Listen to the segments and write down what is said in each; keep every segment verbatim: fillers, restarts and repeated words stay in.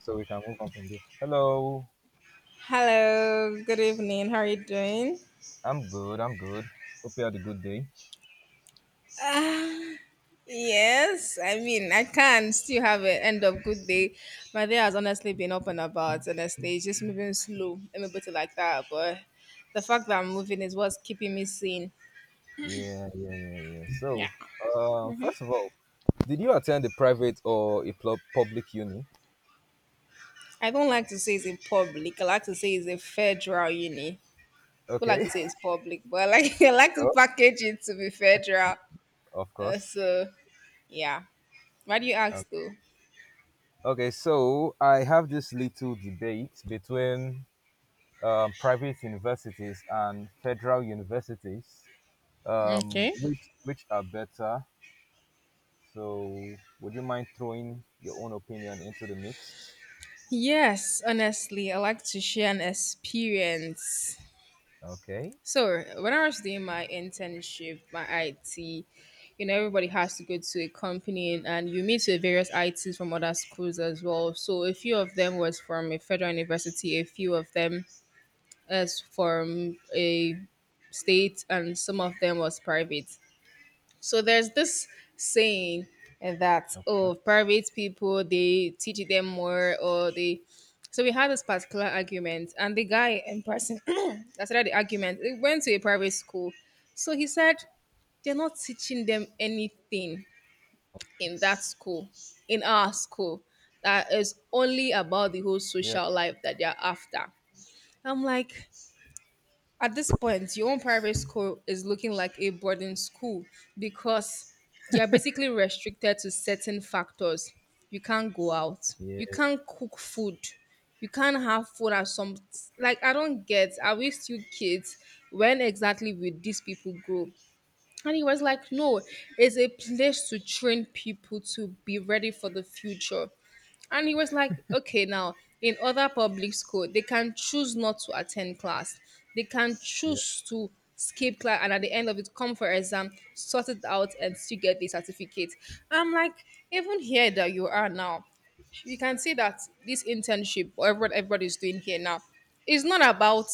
So we can move on from there. Hello, Hello, good evening. How are you doing? I'm good. I'm good. Hope you had a good day. Ah, yes, I mean, I can still have an end of good day. My day has honestly been up and about, honestly. It's just moving slow. Let me put it like that. But the fact that I'm moving is what's keeping me sane. Yeah, yeah, yeah, yeah. So, Yeah. uh, first of all, did you attend a private or a pl- public uni? I don't like to say it's in public. I like to say it's a federal uni. People like Okay, to say it's public, but I like, I like to sure, package it to be federal. of Uh, course. so, yeah. Why do you ask, Okay. though? Okay, so I have this little debate between um, private universities and federal universities, um, Okay. which which are better. So, would you mind throwing your own opinion into the mix? Yes, honestly, I like to share an experience. Okay. So, when I was doing my internship, my I T, you know, everybody has to go to a company and you meet with various I Ts from other schools as well. So, a few of them was from a federal university, a few of them is from a state, and some of them was private. So there's this saying that, Okay. oh, private people they teach them more or they. So we had this particular argument, and the guy in person that started the argument he went to a private school. So he said they're not teaching them anything in that school, in our school. That is only about the whole Yeah, social life that they're after. I'm like, at this point, your own private school is looking like a boarding school because you're basically restricted to certain factors. You can't go out. yeah, You can't cook food. You can't have food at some, like, I don't get. Are we still kids? When exactly will these people grow? And he was like, no, it's a place to train people to be ready for the future. And he was like, okay, now in other public school, they can choose not to attend class. They can yeah, choose to skip class and at the end of it come for exam, sort it out and still get the certificate. I'm like, even here that you are now, you can see that this internship or what everybody's doing here now, is not about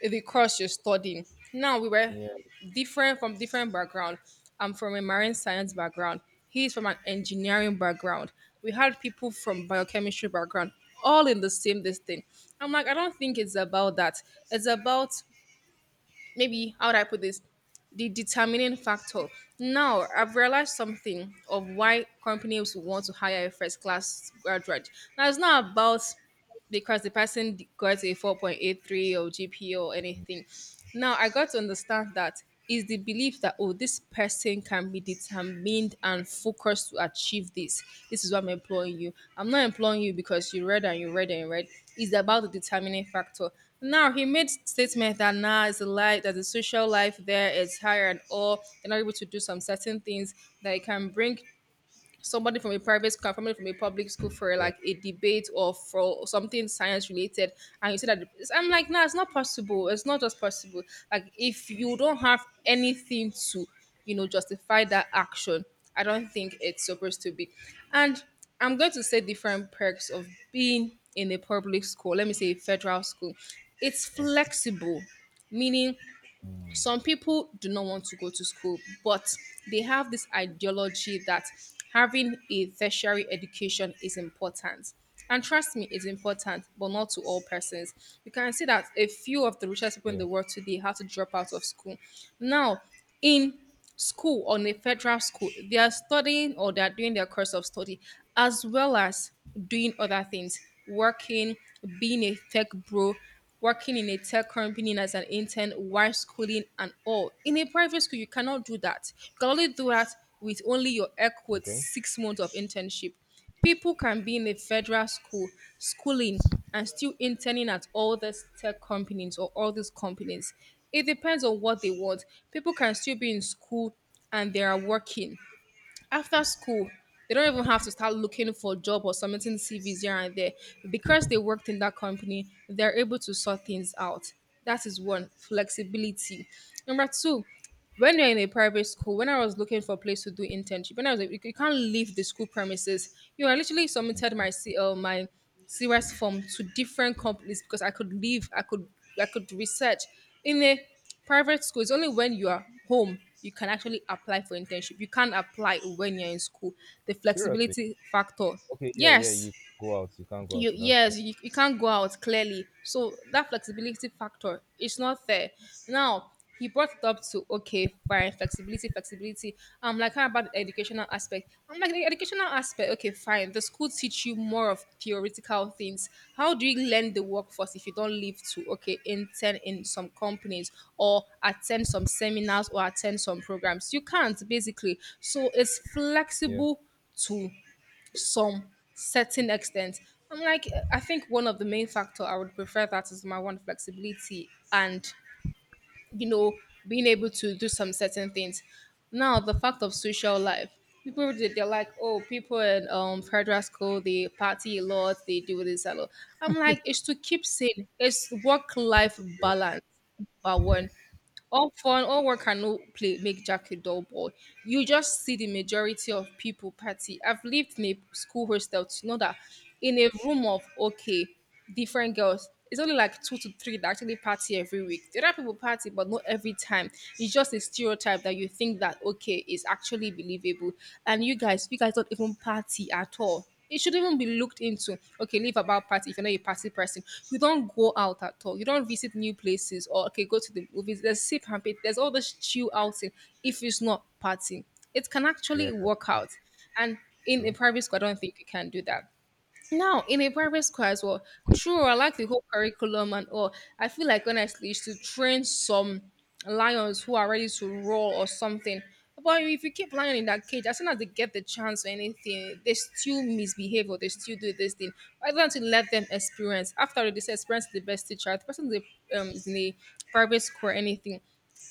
the course you're studying. Now we were yeah, different from different background. I'm from a marine science background. He's from an engineering background. We had people from biochemistry background, all in the same this thing. I'm like, I don't think it's about that. It's about, maybe how would I put this? The determining factor. Now I've realized something of why companies would want to hire a first class graduate. Now it's not about because the person got a four point eight three or G P A or anything. Now I got to understand that is the belief that, oh, this person can be determined and focused to achieve this. This is why I'm employing you. I'm not employing you because you read and you read and you read. It's about the determining factor. Now he made statement that now it's a lie that the social life there is higher and all. They're not able to do some certain things, that it can bring somebody from a private school and somebody from a public school for yeah, like a debate or for something science related and you say that it's- I'm like, nah, it's not possible, it's not just possible. Like, if you don't have anything to, you know justify that action, I don't think it's supposed to be. And I'm going to say different perks of being in a public school, let me say a federal school. It's okay, flexible, meaning some people do not want to go to school, but they have this ideology that having a tertiary education is important. And trust me, it's important, but not to all persons. You can see that a few of the richest people in yeah, the world today had to drop out of school. Now, in school, on a federal school they are studying or they are doing their course of study, as well as doing other things, working, being a tech bro, working in a tech company as an intern while schooling and all. In a private school you cannot do that, you can only do that with only your equate okay. six months of internship. People can be in a federal school, schooling, and still interning at all these tech companies or all these companies. It depends on what they want. People can still be in school and they are working. After school they don't even have to start looking for job or submitting cvs here and there, because they worked in that company they're able to sort things out. That is one flexibility. Number two, when you're in a private school, when I was looking for a place to do internship, when I was like, you you can't leave the school premises, you know I literally submitted my C L, my serious form to different companies because I could leave, i could I could research in a. Private school is only when you are home you can actually apply for internship. You can't apply when you're in school. The Seriously, flexibility factor. okay, yeah, yeah. Yes, You go out, you can't go out. you That's true. yes you, you can't go out clearly, so that flexibility factor is not fair. Now he brought it up to, okay fine, flexibility, flexibility. I'm like, how about the educational aspect? I'm like, the educational aspect, okay fine, the school teach you more of theoretical things. How do you learn the workforce if you don't live to, okay, intern in some companies or attend some seminars or attend some programs? You can't basically. So it's Yeah, flexible too some certain extent. I'm like, uh, I think one of the main factor I would prefer that is my one flexibility and, you know being able to do some certain things. Now the fact of social life, people they- they're like, oh, people in um federal school they party a lot, they do this a lot. I'm like, it's to keep saying it's work life yeah, balance. But one, yes, all fun, all work and no play make Jack a dull boy. You just see the majority of people party. I've lived in a school hostel to know that in a room of, okay, different girls, it's only like two to three that actually party every week. There are people party, but not every time. It's just a stereotype that you think that okay is actually believable. And you guys, you guys don't even party at all. It shouldn't even be looked into. Okay, leave about party if you're not a party person. You don't go out at all. You don't visit new places or, okay, go to the movies. There's sip and pay. There's all this chill outing. If it's not party, it can yeah, actually work out. And in a true. private school, I don't think you can do that. Now, in a Yeah, private school as well, true, I like the whole curriculum and all. I feel like honestly, you to train some lions who are ready to roar or something. But if you keep lion in that cage, as soon as they get the chance or anything, they still misbehave or they still do this thing. Rather than to let them experience, after all, this experience is the best teacher, the person is, a, um, is in a private school or anything,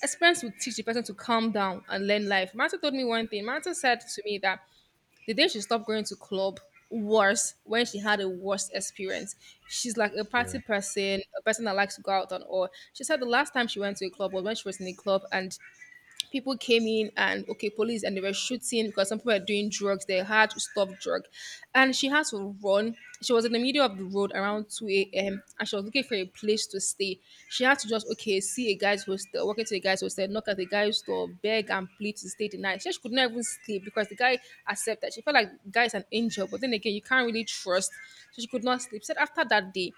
experience will teach the person to calm down and learn life. Marta told me one thing. Marta said to me that the day she stopped going to club was when she had a worst experience. She's like a yeah, party person, a person that likes to go out and all. She said the last time she went to a club was when she was in a club and people came in and, okay, police, and they were shooting because some people were doing drugs, they had to stop drug. And she had to run, she was in the middle of the road around two a m a.m. and she was looking for a place to stay. She had to just, okay, see a guy's hostel, walk into a guy's hostel, knock at the guy's door, beg and plead to stay the night. She said she could not even sleep because the guy accepted, she felt like the guy's an angel, but then again you can't really trust. So she could not sleep, said after that day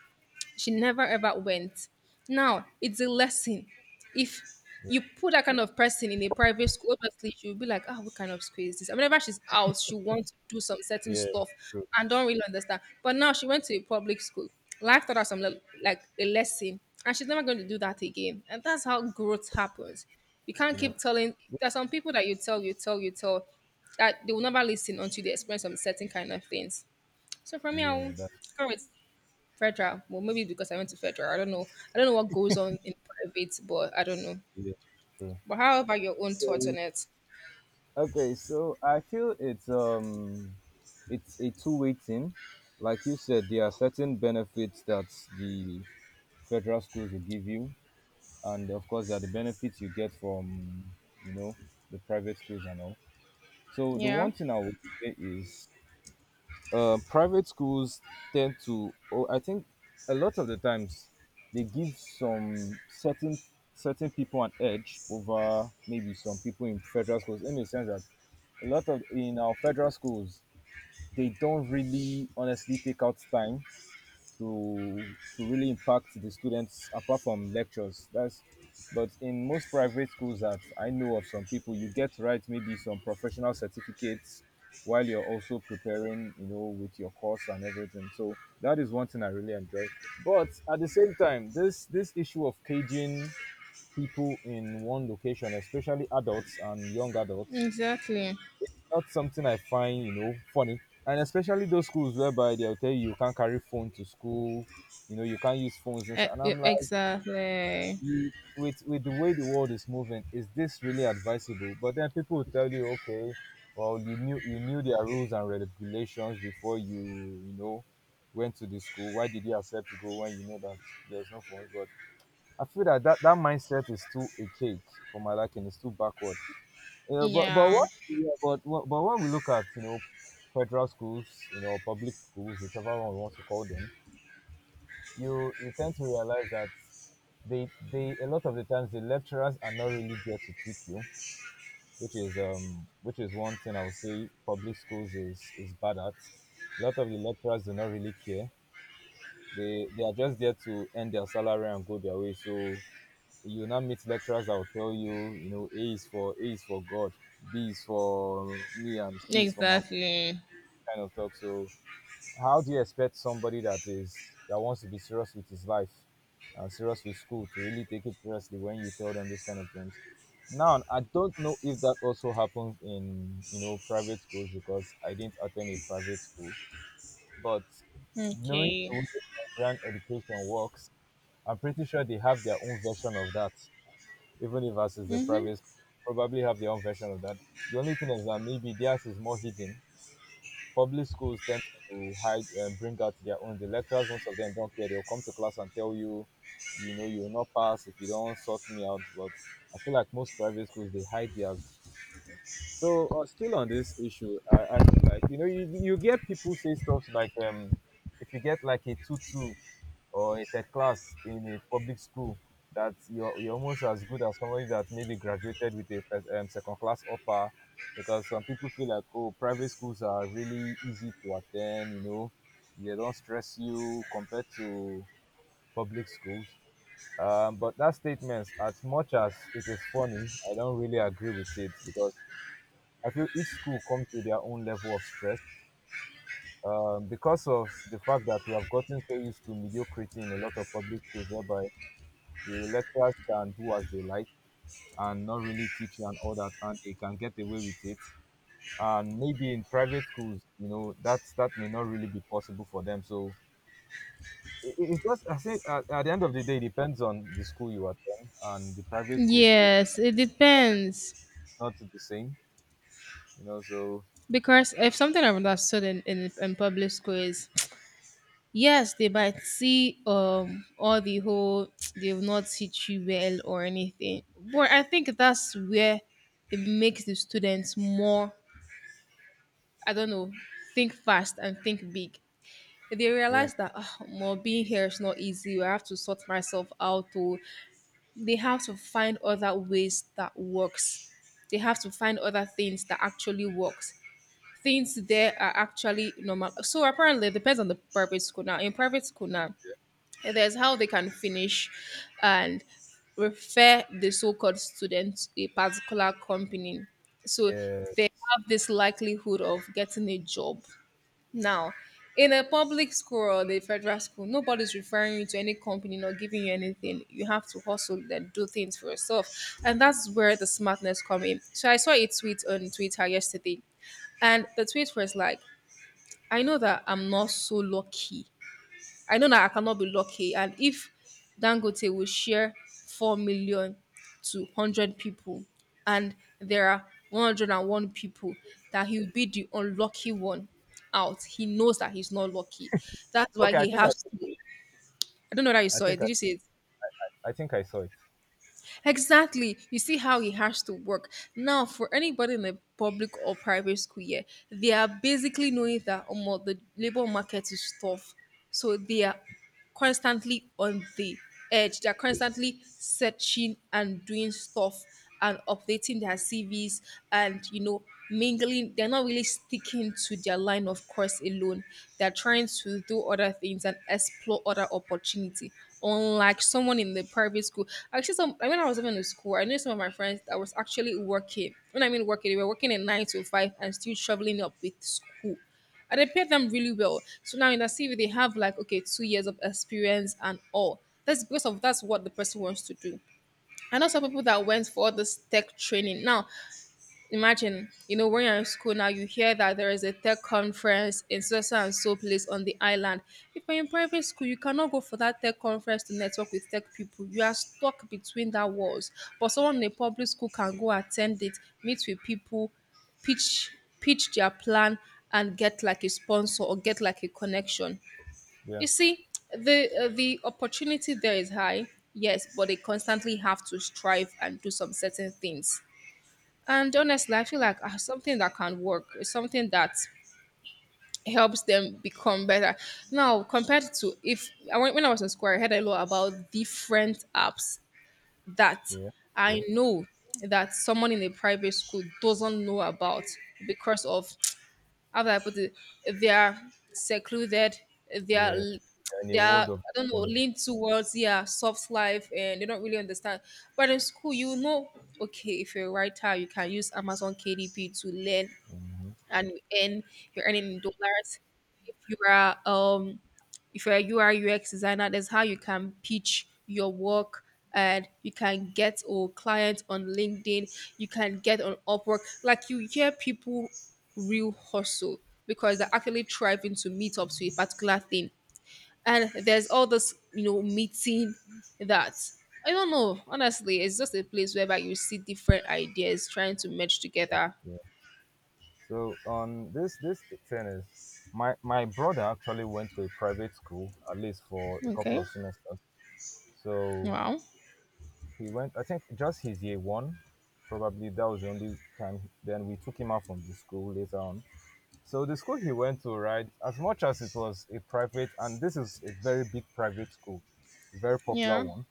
she never ever went. Now it's a lesson. If yeah, you put that kind of person in a private school, obviously she'll be like, "Ah, what kind of school is this?" And whenever she's out, she wants to do some certain yeah, stuff true. and don't really understand. But now she went to a public school. Life taught her some le- like a lesson, and she's never going to do that again. And that's how growth happens. You You can't keep know, telling. There's this. some people that you tell, you tell, you tell, that they will never listen until they experience some certain kind of things. So for me, Yeah, I'll that's, go with Federal. Well, maybe because I went to federal. I don't know. I don't know what goes on in private, but I don't know. yeah, true. But how about your own thoughts So, on it? okay, so I feel it's um, it's a two-way thing. Like you said, there are certain benefits that the federal schools will give you, and of course there are the benefits you get from you know the private schools and all, so the Yeah, one thing I would say is, uh, private schools tend to oh, I think a lot of the times they give some certain certain people an edge over maybe some people in federal schools, in the sense that a lot of in our federal schools they don't really honestly take out time to to really impact the students apart from lectures. That's But in most private schools that I know of, some people, you get to write maybe some professional certificates while you're also preparing, you know, with your course and everything. So that is one thing I really enjoy. But at the same time, this this issue of caging people in one location, especially adults and young adults, exactly. not something I find, you know, funny. And especially those schools whereby they'll tell you you can't carry phone to school, you know, you can't use phones, and, so-, E- and e- I'm like, Exactly. "Mm, with with the way the world is moving, is this really advisable?" But then people will tell you, okay, well, you knew you knew their rules and regulations before you, you know, went to the school. Why did you accept to go when you know that there's no phones? But I feel that that, that mindset is too a cake for my liking, it's too backward. Yeah, but but Yeah, what, yeah, but what- but when we look at you know federal schools, you know public schools, whichever one we want to call them, you you tend to realize that they they a lot of the times the lecturers are not really there to teach you, which is um which is one thing I would say public schools is is bad at. A lot of the lecturers do not really care. They they are just there to earn their salary and go their way. So you now meet lecturers that will tell you, you know, A is for A is for God, B is for me, and C is for my exactly. kind of talk. So, how do you expect somebody that is that wants to be serious with his life and serious with school to really take it seriously when you tell them those kind of things? Now, I don't know if that also happens in you know private schools because I didn't attend a private school, but knowing Okay. the way Nigerian education works, I'm pretty sure they have their own version of that, even if us is the Mm-hmm. private school, probably have their own version of that. The only thing is that maybe theirs is more hidden. Public schools tend to hide and bring out their own. The lecturers, most of them don't care. They'll come to class and tell you, you know, you will not pass if you don't sort me out. But I feel like most private schools they hide theirs. So, uh, still on this issue, I, I feel like you know you, you get people say stuff like, um if you get like a two two or a third class in a public school, that you're, you're almost as good as somebody that maybe graduated with a first, um, second class upper, because some people feel like, oh, private schools are really easy to attend, you know they don't stress you compared to public schools. Um, but that statement, as much as it is funny, I don't really agree with it, because I feel each school comes with their own level of stress, um, because of the fact that we have gotten so used to mediocrity in a lot of public schools, whereby the lecturers can do as they like and not really teach you and all that, and they can get away with it. And maybe in private schools, you know that's that may not really be possible for them, so it, it's just, I say, at, at the end of the day, it depends on the school you attend. And the private schools too, Yes, it depends. it's not the same, you know, so, Because if something I would have studied in, in, in public school is yes, they might see um all the whole they've not teach you well or anything. But I think that's where it makes the students more, I don't know, think fast and think big. They yeah, realize that, oh, well, being here is not easy. I have to sort myself out. Or they have to find other ways that works. They have to find other things that actually works. Things there are actually normal. So apparently, it depends on the private school now. In private school now, there's how they can finish and refer the so-called student to a particular company. yeah, So yeah. they have this likelihood of getting a job. Now, in a public school or the federal school, nobody's referring you to any company, not giving you anything. You have to hustle and do things for yourself. And that's where the smartness come in. So I saw a tweet on Twitter yesterday, and the tweet was like, I know that I'm not so lucky, I know that I cannot be lucky. And if Dangote will share four million to one hundred people, and there are one hundred one people, that he'll be the unlucky one out, he knows that he's not lucky. That's why Okay, I he think I has to. I don't know that you I saw it. think I, Did you see it? I think I saw it. Exactly. You see how he has to work. Now, for anybody in a public or private school, yeah, they are basically knowing that um, the labor market is tough. So they are constantly on the edge. They are constantly searching and doing stuff and updating their C Vs and, you know, mingling. They're not really sticking to their line of course alone, they're trying to do other things and explore other opportunity, unlike someone in the private school. Actually, some, when I was even in school, I knew some of my friends that was actually working. When I mean working, they were working at nine to five and still traveling up with school, and they paid them really well. So now in the CV they have like, okay, two years of experience and all. That's because of that's what the person wants to do. I know some people that went for all this tech training now. Imagine, you know, when you're in school now, you hear that there is a tech conference in so so and so place on the island. If you're in private school, you cannot go for that tech conference to network with tech people. You are stuck between that walls. But someone in a public school can go attend it, meet with people, pitch pitch their plan, and get like a sponsor or get like a connection. Yeah, You see, the uh, the opportunity there is high, yes, but they constantly have to strive and do some certain things. And honestly, I feel like ah, something that can work is something that helps them become better. Now, compared to if I went- when I was in school, I heard a lot about different apps that yeah, I true. know that someone in a private school doesn't know about, because of, how do I put it? They are secluded. They are Yeah, l- and they a are, world of I don't know, fun. lean towards, yeah, soft life, and they don't really understand. But in school, you know, okay, if you're a writer, you can use Amazon K D P to learn Hmm. and you earn, you're earning in dollars. If you are um if you're a U X designer, that's how you can pitch your work and you can get a client on LinkedIn, you can get on Upwork. Like you hear people real hustle because they're actually striving to meet up to a particular thing. And there's all this, you know, meeting that, I don't know. Honestly, it's just a place whereby you see different ideas trying to merge together. So on this this thing is, my my brother actually went to a private school, at least for a couple Okay. of semesters. So Wow. he went, I think, just his year one. Probably that was the only time. Then we took him out from the school later on. So the school he went to, right, as much as it was a private, and this is a very big private school, a very popular Yeah. one.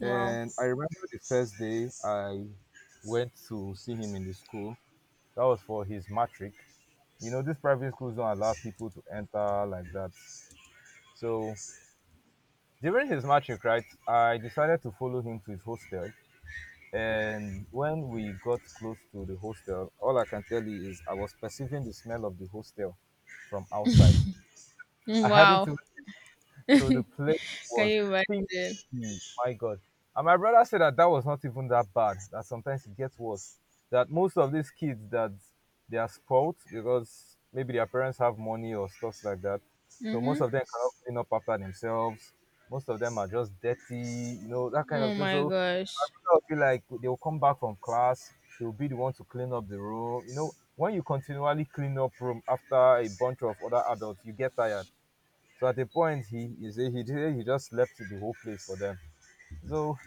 Wow. And I remember the first day I went to see him in the school. That was for his matric. You know, these private schools don't allow people to enter like that. So during his matching, right, I decided to follow him to his hostel. And when we got close to the hostel, all I can tell you is I was perceiving the smell of the hostel from outside. I hadn't Wow. even So the place Can was you imagine? stinky. My God. And my brother said that that was not even that bad, that sometimes it gets worse. That most of these kids, that they are spoiled because maybe their parents have money or stuff like that. So most Mm-hmm. of them cannot clean up after themselves. Most of them are just dirty, you know, that kind Oh of thing. my So gosh. I feel like they will come back from class, they will be the one to clean up the room. You know, when you continually clean up room after a bunch of other adults, you get tired. So at a point, he he he he just left the whole place for them. So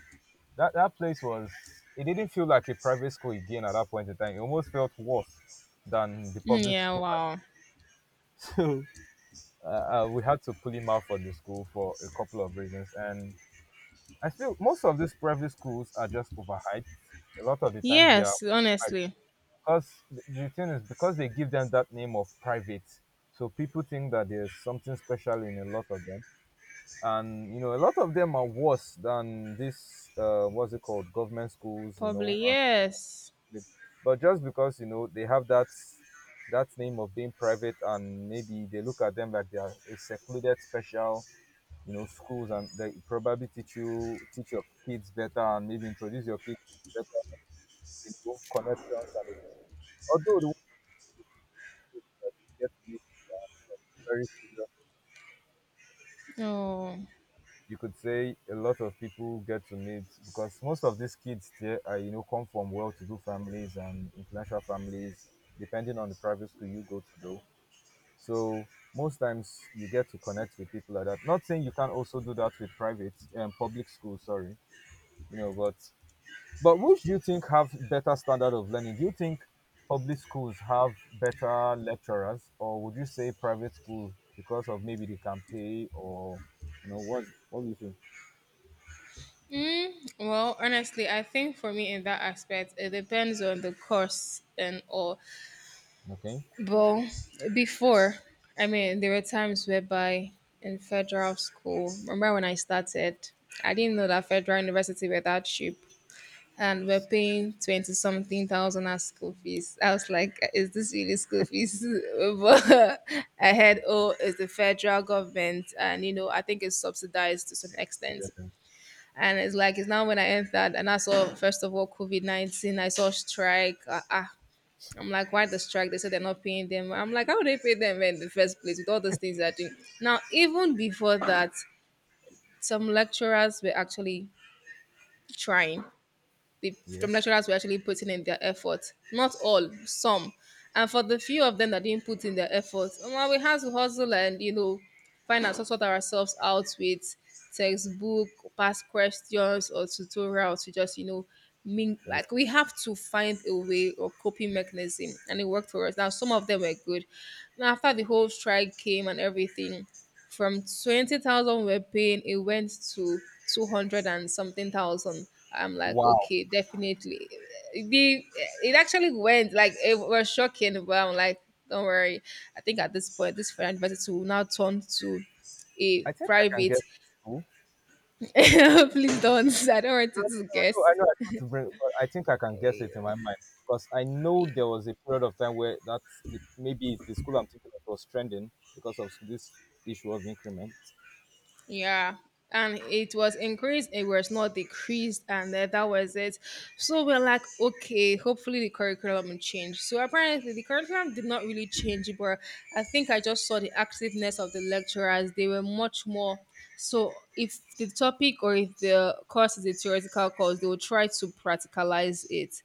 that that place was it didn't feel like a private school again at that point in time. It almost felt worse than the Mm, public yeah, school. wow. So uh, uh, we had to pull him out from the school for a couple of reasons. And I feel most of these private schools are just overhyped. A lot of the times they are Yes, overhyped, honestly. because the the thing is, because they give them that name of private. So people think that there's something special in a lot of them, and you know a lot of them are worse than this, uh, what's it called, government schools, you Probably know, and yes. they- but just because you know they have that that name of being private, and maybe they look at them like they are a secluded special, you know schools, and they probably teach you teach your kids better, and maybe introduce your kids better, you know connections and everything. Although the ones who get to be, um, some very serious, Oh. you could say, a lot of people get to meet, because most of these kids here are, you know come from well-to-do families and influential families, depending on the private school you go to, though. So most times you get to connect with people like that. Not saying you can also do that with private and, um, public schools, sorry, you know, but but which do you think have better standard of learning? Do you think public schools have better lecturers, or would you say private school because of maybe they can pay, or you know what? What do you think? Mm, well, honestly, I think for me in that aspect, it depends on the course and all. Okay. But before, I mean, there were times whereby in federal school, remember when I started, I didn't know that federal university were that cheap, and we're paying twenty something thousand as school fees. I was like, is this really school fees? But I heard, oh, it's the federal government, and you know, I think it's subsidized to some extent. Yeah, And it's like, it's now when I entered, and I saw, first of all, COVID nineteen, I saw strike. Uh, ah, I'm like, why the strike? They said they're not paying them. I'm like, how would they pay them in the first place with all those things they're doing? Now, even before that, some lecturers were actually trying, the, yeah, from lecturers were actually putting in their effort. Not all, some. And for the few of them that didn't put in their effort, well, we had to hustle and, you know, find out sort ourselves out with textbook, past questions or tutorials to just, you know, mean yeah. like we have to find a way or coping mechanism, and it worked for us. Now some of them were good. And after the whole strike came and everything, from twenty thousand we were paying, it went to two hundred and something thousand. I'm like, Wow! okay, definitely. The, it actually went like, it was shocking, but I'm like, don't worry. I think at this point, this for university will now turn to a I think I can private. guess it too. Please don't. I don't want No, no, it to no. I guess. know, I know. I want to bring, but I think I can guess it in my mind, because I know there was a period of time where that's the, maybe it's the school I'm thinking of was trending because of this issue of increment. Yeah, and it was increased, it was not decreased, and uh, that was it. So we're like, okay, hopefully the curriculum will change. So apparently the curriculum did not really change, but I think I just saw the activeness of the lecturers. They were much more. So if the topic or if the course is a theoretical course, they will try to practicalize it,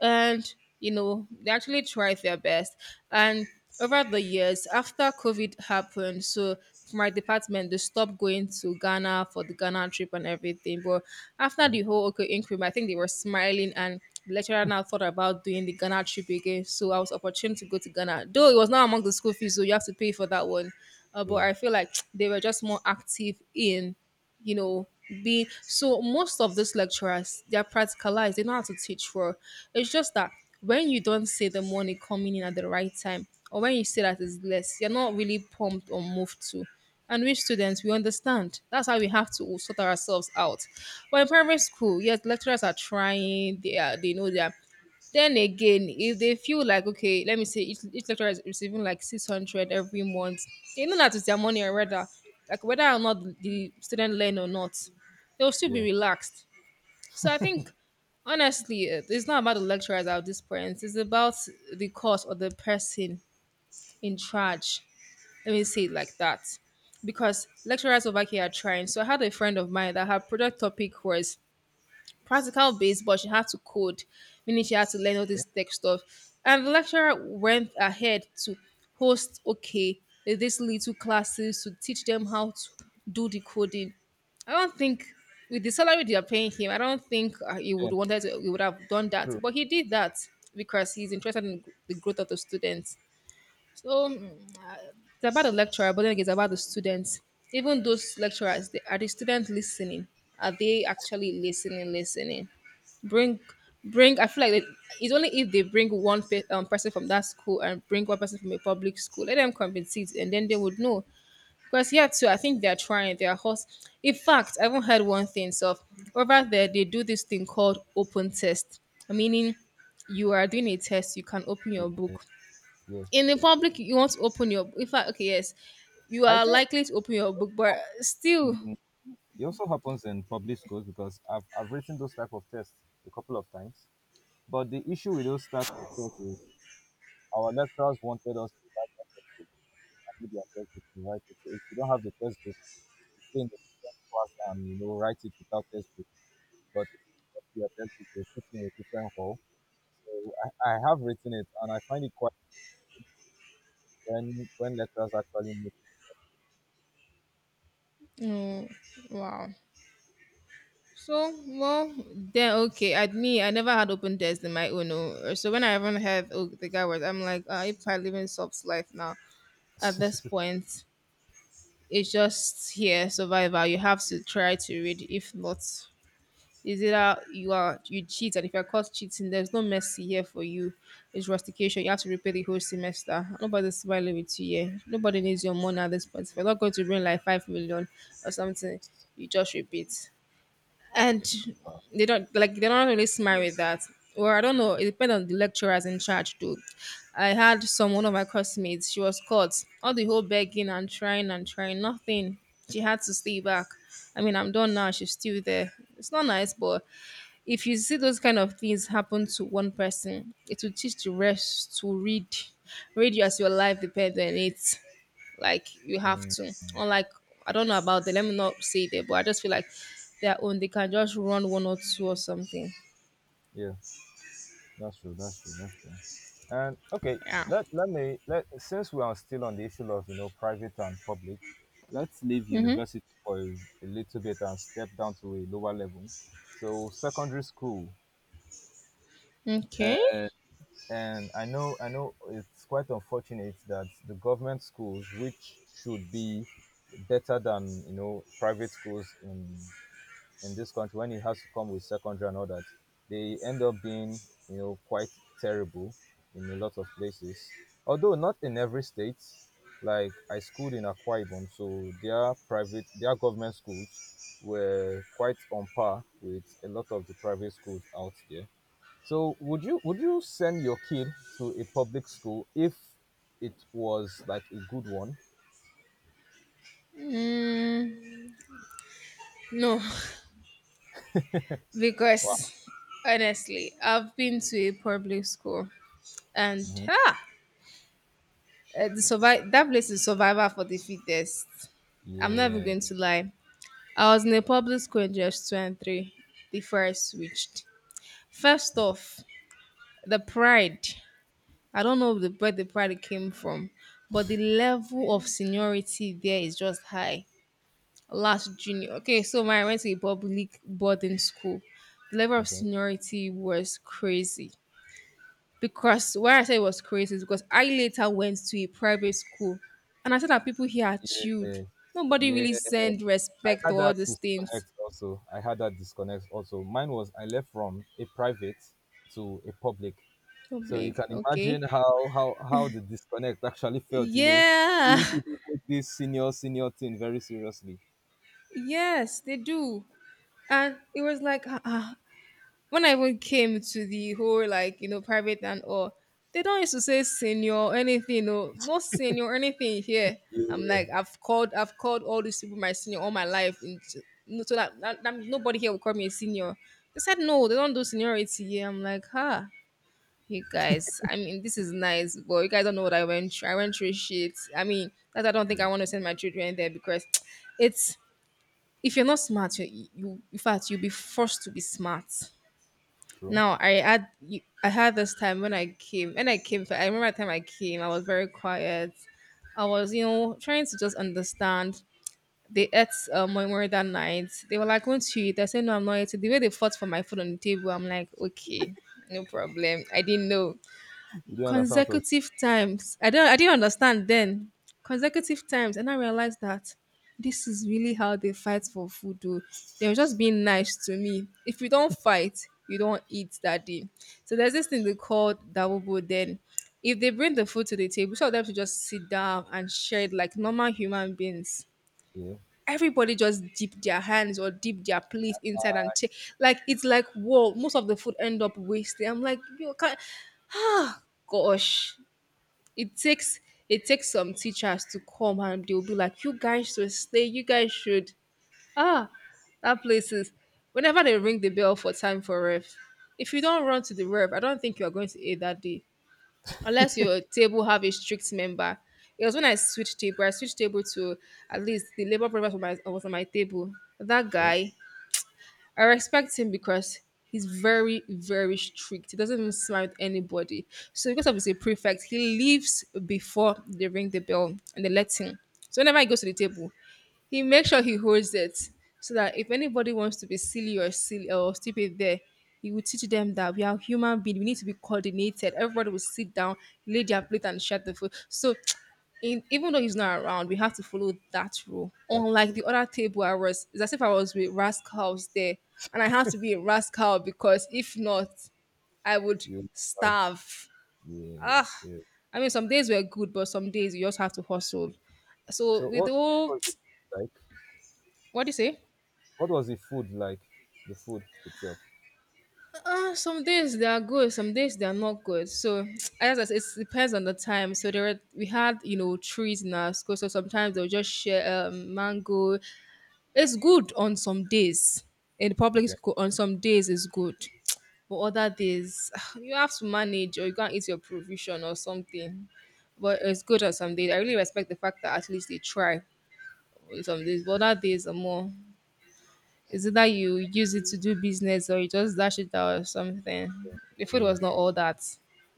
and you know they actually tried their best. And over the years after COVID happened, so for my department they stopped going to Ghana for the Ghana trip and everything. But after Mhm. the whole okay inquiry, I think they were smiling, and the lecturer now thought about doing the Ghana trip again. So I was opportunity to go to Ghana, though it was not among the school fees, so you have to pay for that one. Uh, but Yeah, I feel like they were just more active in, you know, being. So most of these lecturers they're practicalized, they know how to teach for. It's just that when you don't see the money coming in at the right time, or when you see that it's less, you're not really pumped or moved to. And we students, we understand that's how we have to sort ourselves out. But in primary school, yes, lecturers are trying, they are, they know they are. Then again, if they feel like, okay, let me say each, each lecturer is receiving like six hundred every month, they know that it's their money already. Like whether or not the student learn or not, they'll still be yeah, relaxed. So I think, honestly, it- it's not about the lecturers at this point. It's about the course or the person in charge. Let me say it like that, because lecturers over here are trying. So I had a friend of mine that her project topic was practical based, but she had to code, meaning she had to learn all yeah, this tech stuff. And the lecturer went ahead to host, okay, these little classes to teach them how to do the coding. I don't think with the salary they are paying him, I don't think uh, he yeah. would wanted to, he would have done that. True. But he did that because he's interested in the growth of the students. So mm, it's about the lecturer, but then it's about the students. Even those lecturers, they, are the students listening? Are they actually listening? Listening? Bring, bring. I feel like they, it's only if they bring one pe- um, person from that school and bring one person from a public school. Let them compete, and then they would know. Because here too, I think they're trying. They're host. In fact, I haven't heard one thing. So over there, they do this thing called open test, meaning you are doing a test. You can open your Yeah, book. yes. In the public you want to open your, in fact, okay, yes, you I are think, likely to open your book, but still, mm, it also happens in public schools because I've I've written those type of tests a couple of times. But the issue with those type of tests is our lecturers wanted us to write them, do their textbook and write it. So if you don't have the textbook, you stay in a different class and you know write it without textbook. But if you get your textbook, you put it in a different hall. So I, I have written it, and I find it quite, when when lecturers actually make it. mm, wow. So, well, then, okay, at me, I never had open desk in my own, oh. So when I even heard oh, the guy was I'm like uh, if I live in sub's life now at this point it's just here survival. You have to try to read. If not, is either you are you cheat, and if you're caught cheating, there's no mercy here for you. It's rustication. You have to repay the whole semester. Nobody's smiling with you here. Nobody needs your money at this point. If you're not going to bring like five million or something, you just repeat. And uh, they don't like they don't really smile with that. Or I don't know. It depends on the lecturers in charge too. I had some one of my classmates. She was caught. All the whole begging and trying and trying, nothing. She had to stay back. I mean, I'm done now. She's still there. It's not nice, but if you see those kind of things happen to one person, it will teach the rest to read. Read you as your life depends on it. Like you have Mm, to. Unlike, I don't know about them. Let me not say that, but I just feel like their own. They can just run one or two or something. yeah, that's true. That's true. That's true. And okay, Yeah. let let me let since we are still on the issue of you know private and public, let's leave Mm-hmm. university for a, a little bit and step down to a lower level. So, secondary school. Uh, Okay. and I know I know it's quite unfortunate that the government schools, which should be better than you know private schools in in this country, when it has to come with secondary and all that, they end up being you know quite terrible in a lot of places. Although not in every state. Like I schooled in Akwa Ibom, so their private their government schools were quite on par with a lot of the private schools out there. So would you would you send your kid to a public school if it was like a good one? No, Wow. because honestly, I've been to a public school and Hmm. ah, uh, the survive that place is survivor for the fittest. I'm not even Yeah. going to lie. I was in a public school in just two and three before I switched. First Okay. off, the pride. I don't know the, where the pride came from, but the level of seniority there is just high. Last junior. Okay, so when I went to a public boarding school, the level of Okay. seniority was crazy. Because why I say it was crazy is because I later went to a private school and I said that people here are chilled. Yes. Nobody Yeah. really send I respect to had all that these things. disconnect also. I had that disconnect also. Mine was, I left from a private to a public. So you Public, can okay. imagine how how how the disconnect actually felt, you know. Yeah. Most people take this senior senior thing very seriously. Yes, they do. And it was like, ah, ah, when I even came to the whole, like, you know, private and all, they don't used to say senior or anything. No, no senior or anything here. I'm Yeah. like, I've called, I've called all these people my senior all my life. And so no- so that, that, that nobody here will call me a senior. They said, no, they don't do seniority here. I'm like, huh. You guys, I mean, this is nice, but you guys don't know what I went through. I went through shit. I mean, that I don't think Yeah. I want to send my children there because it's if you're not smart, you, you in fact you'll be forced to be smart. True. Now I had you- I had this time when I came when I came I remember the time I came I was very quiet. I was you know trying to just understand. They ate uh, my mother that night. They were like, "Won't you eat?" I said, "No, I'm not eating." The way they fought for my food on the table, I'm like, "Okay, no problem." I didn't know You don't understand what I was- consecutive times. I don't I didn't understand then. Consecutive times, and I realized that this is really how they fight for food. Though. They were just being nice to me. If you don't fight, you don't eat that day. So there's this thing they call dawobo then. If they bring the food to the table, some of them should just sit down and share it like normal human beings. Yeah. Everybody just dip their hands or dip their plate inside and take. Like it's like whoa, most of the food end up wasted. I'm like, you can't ah gosh it takes it takes some teachers to come and they'll be like, you guys should stay, you guys should. Ah, that place is. Whenever they ring the bell for time for ref, if you don't run to the ref, I don't think you are going to eat that day, unless your table have a strict member. It was when I switched table. I switched table to at least the labor provider was on my was on my table. That Okay. guy, I respect him because he's very, very strict. He doesn't even smile at anybody. So because of his prefect, he leaves before they ring the bell and they let him. So whenever he goes to the table, he makes sure he holds it so that if anybody wants to be silly or silly or stupid there, he will teach them that we are human beings. We need to be coordinated. Everybody will sit down, lay their plate and share the food. So in, even though he's not around we have to follow that rule, That's unlike cool. the other table I was. It's as if I was with rascals there and I have to be a rascal because if not I would You out. starve. Yeah, Ah, yeah. I mean some days were good but some days you just have to hustle. So So with the what, what whole was it like? what do you say. What was the food like? The food itself. Uh, some days they are good, some days they are not good. So as I said, it depends on the time. So there were, we had you know trees in our school, so sometimes they'll just share um, mango. It's good on some days in the public Okay. school. On some days it's good, but other days you have to manage or you can't eat your provision or something. But it's good on some days. I really respect the fact that at least they try on some days. But other days are more. It's either you use it to do business or you just dash it out or something. The food Yeah, was not all that.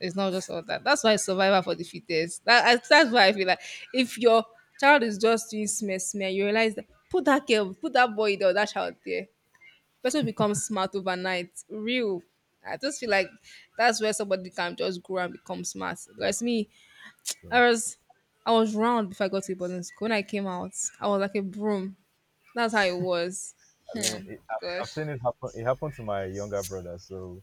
It's not just all that. That's why it's survival for the fittest. That, I- that's why I feel like if your child is just doing smear smear, you realize that put that girl, put that boy there, or that child there. Person becomes smart overnight. Real. I just feel like that's where somebody can just grow and become smart. Whereas me, I true. was I was round before I got to boarding school. When I came out, I was like a broom. That's how it was. I mean, Hmm. it, I've I've Gosh. seen it happen. It happened to my younger brother. So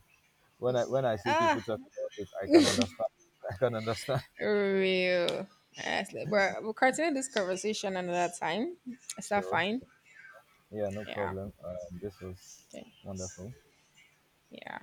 when I when I see Ah, people talk about it, I can understand. I can understand. real. Honestly, but we'll continue this conversation another time. Is that Sure. fine? Sure. Yeah, no Yeah. problem. Um, this was Okay. wonderful. Yeah.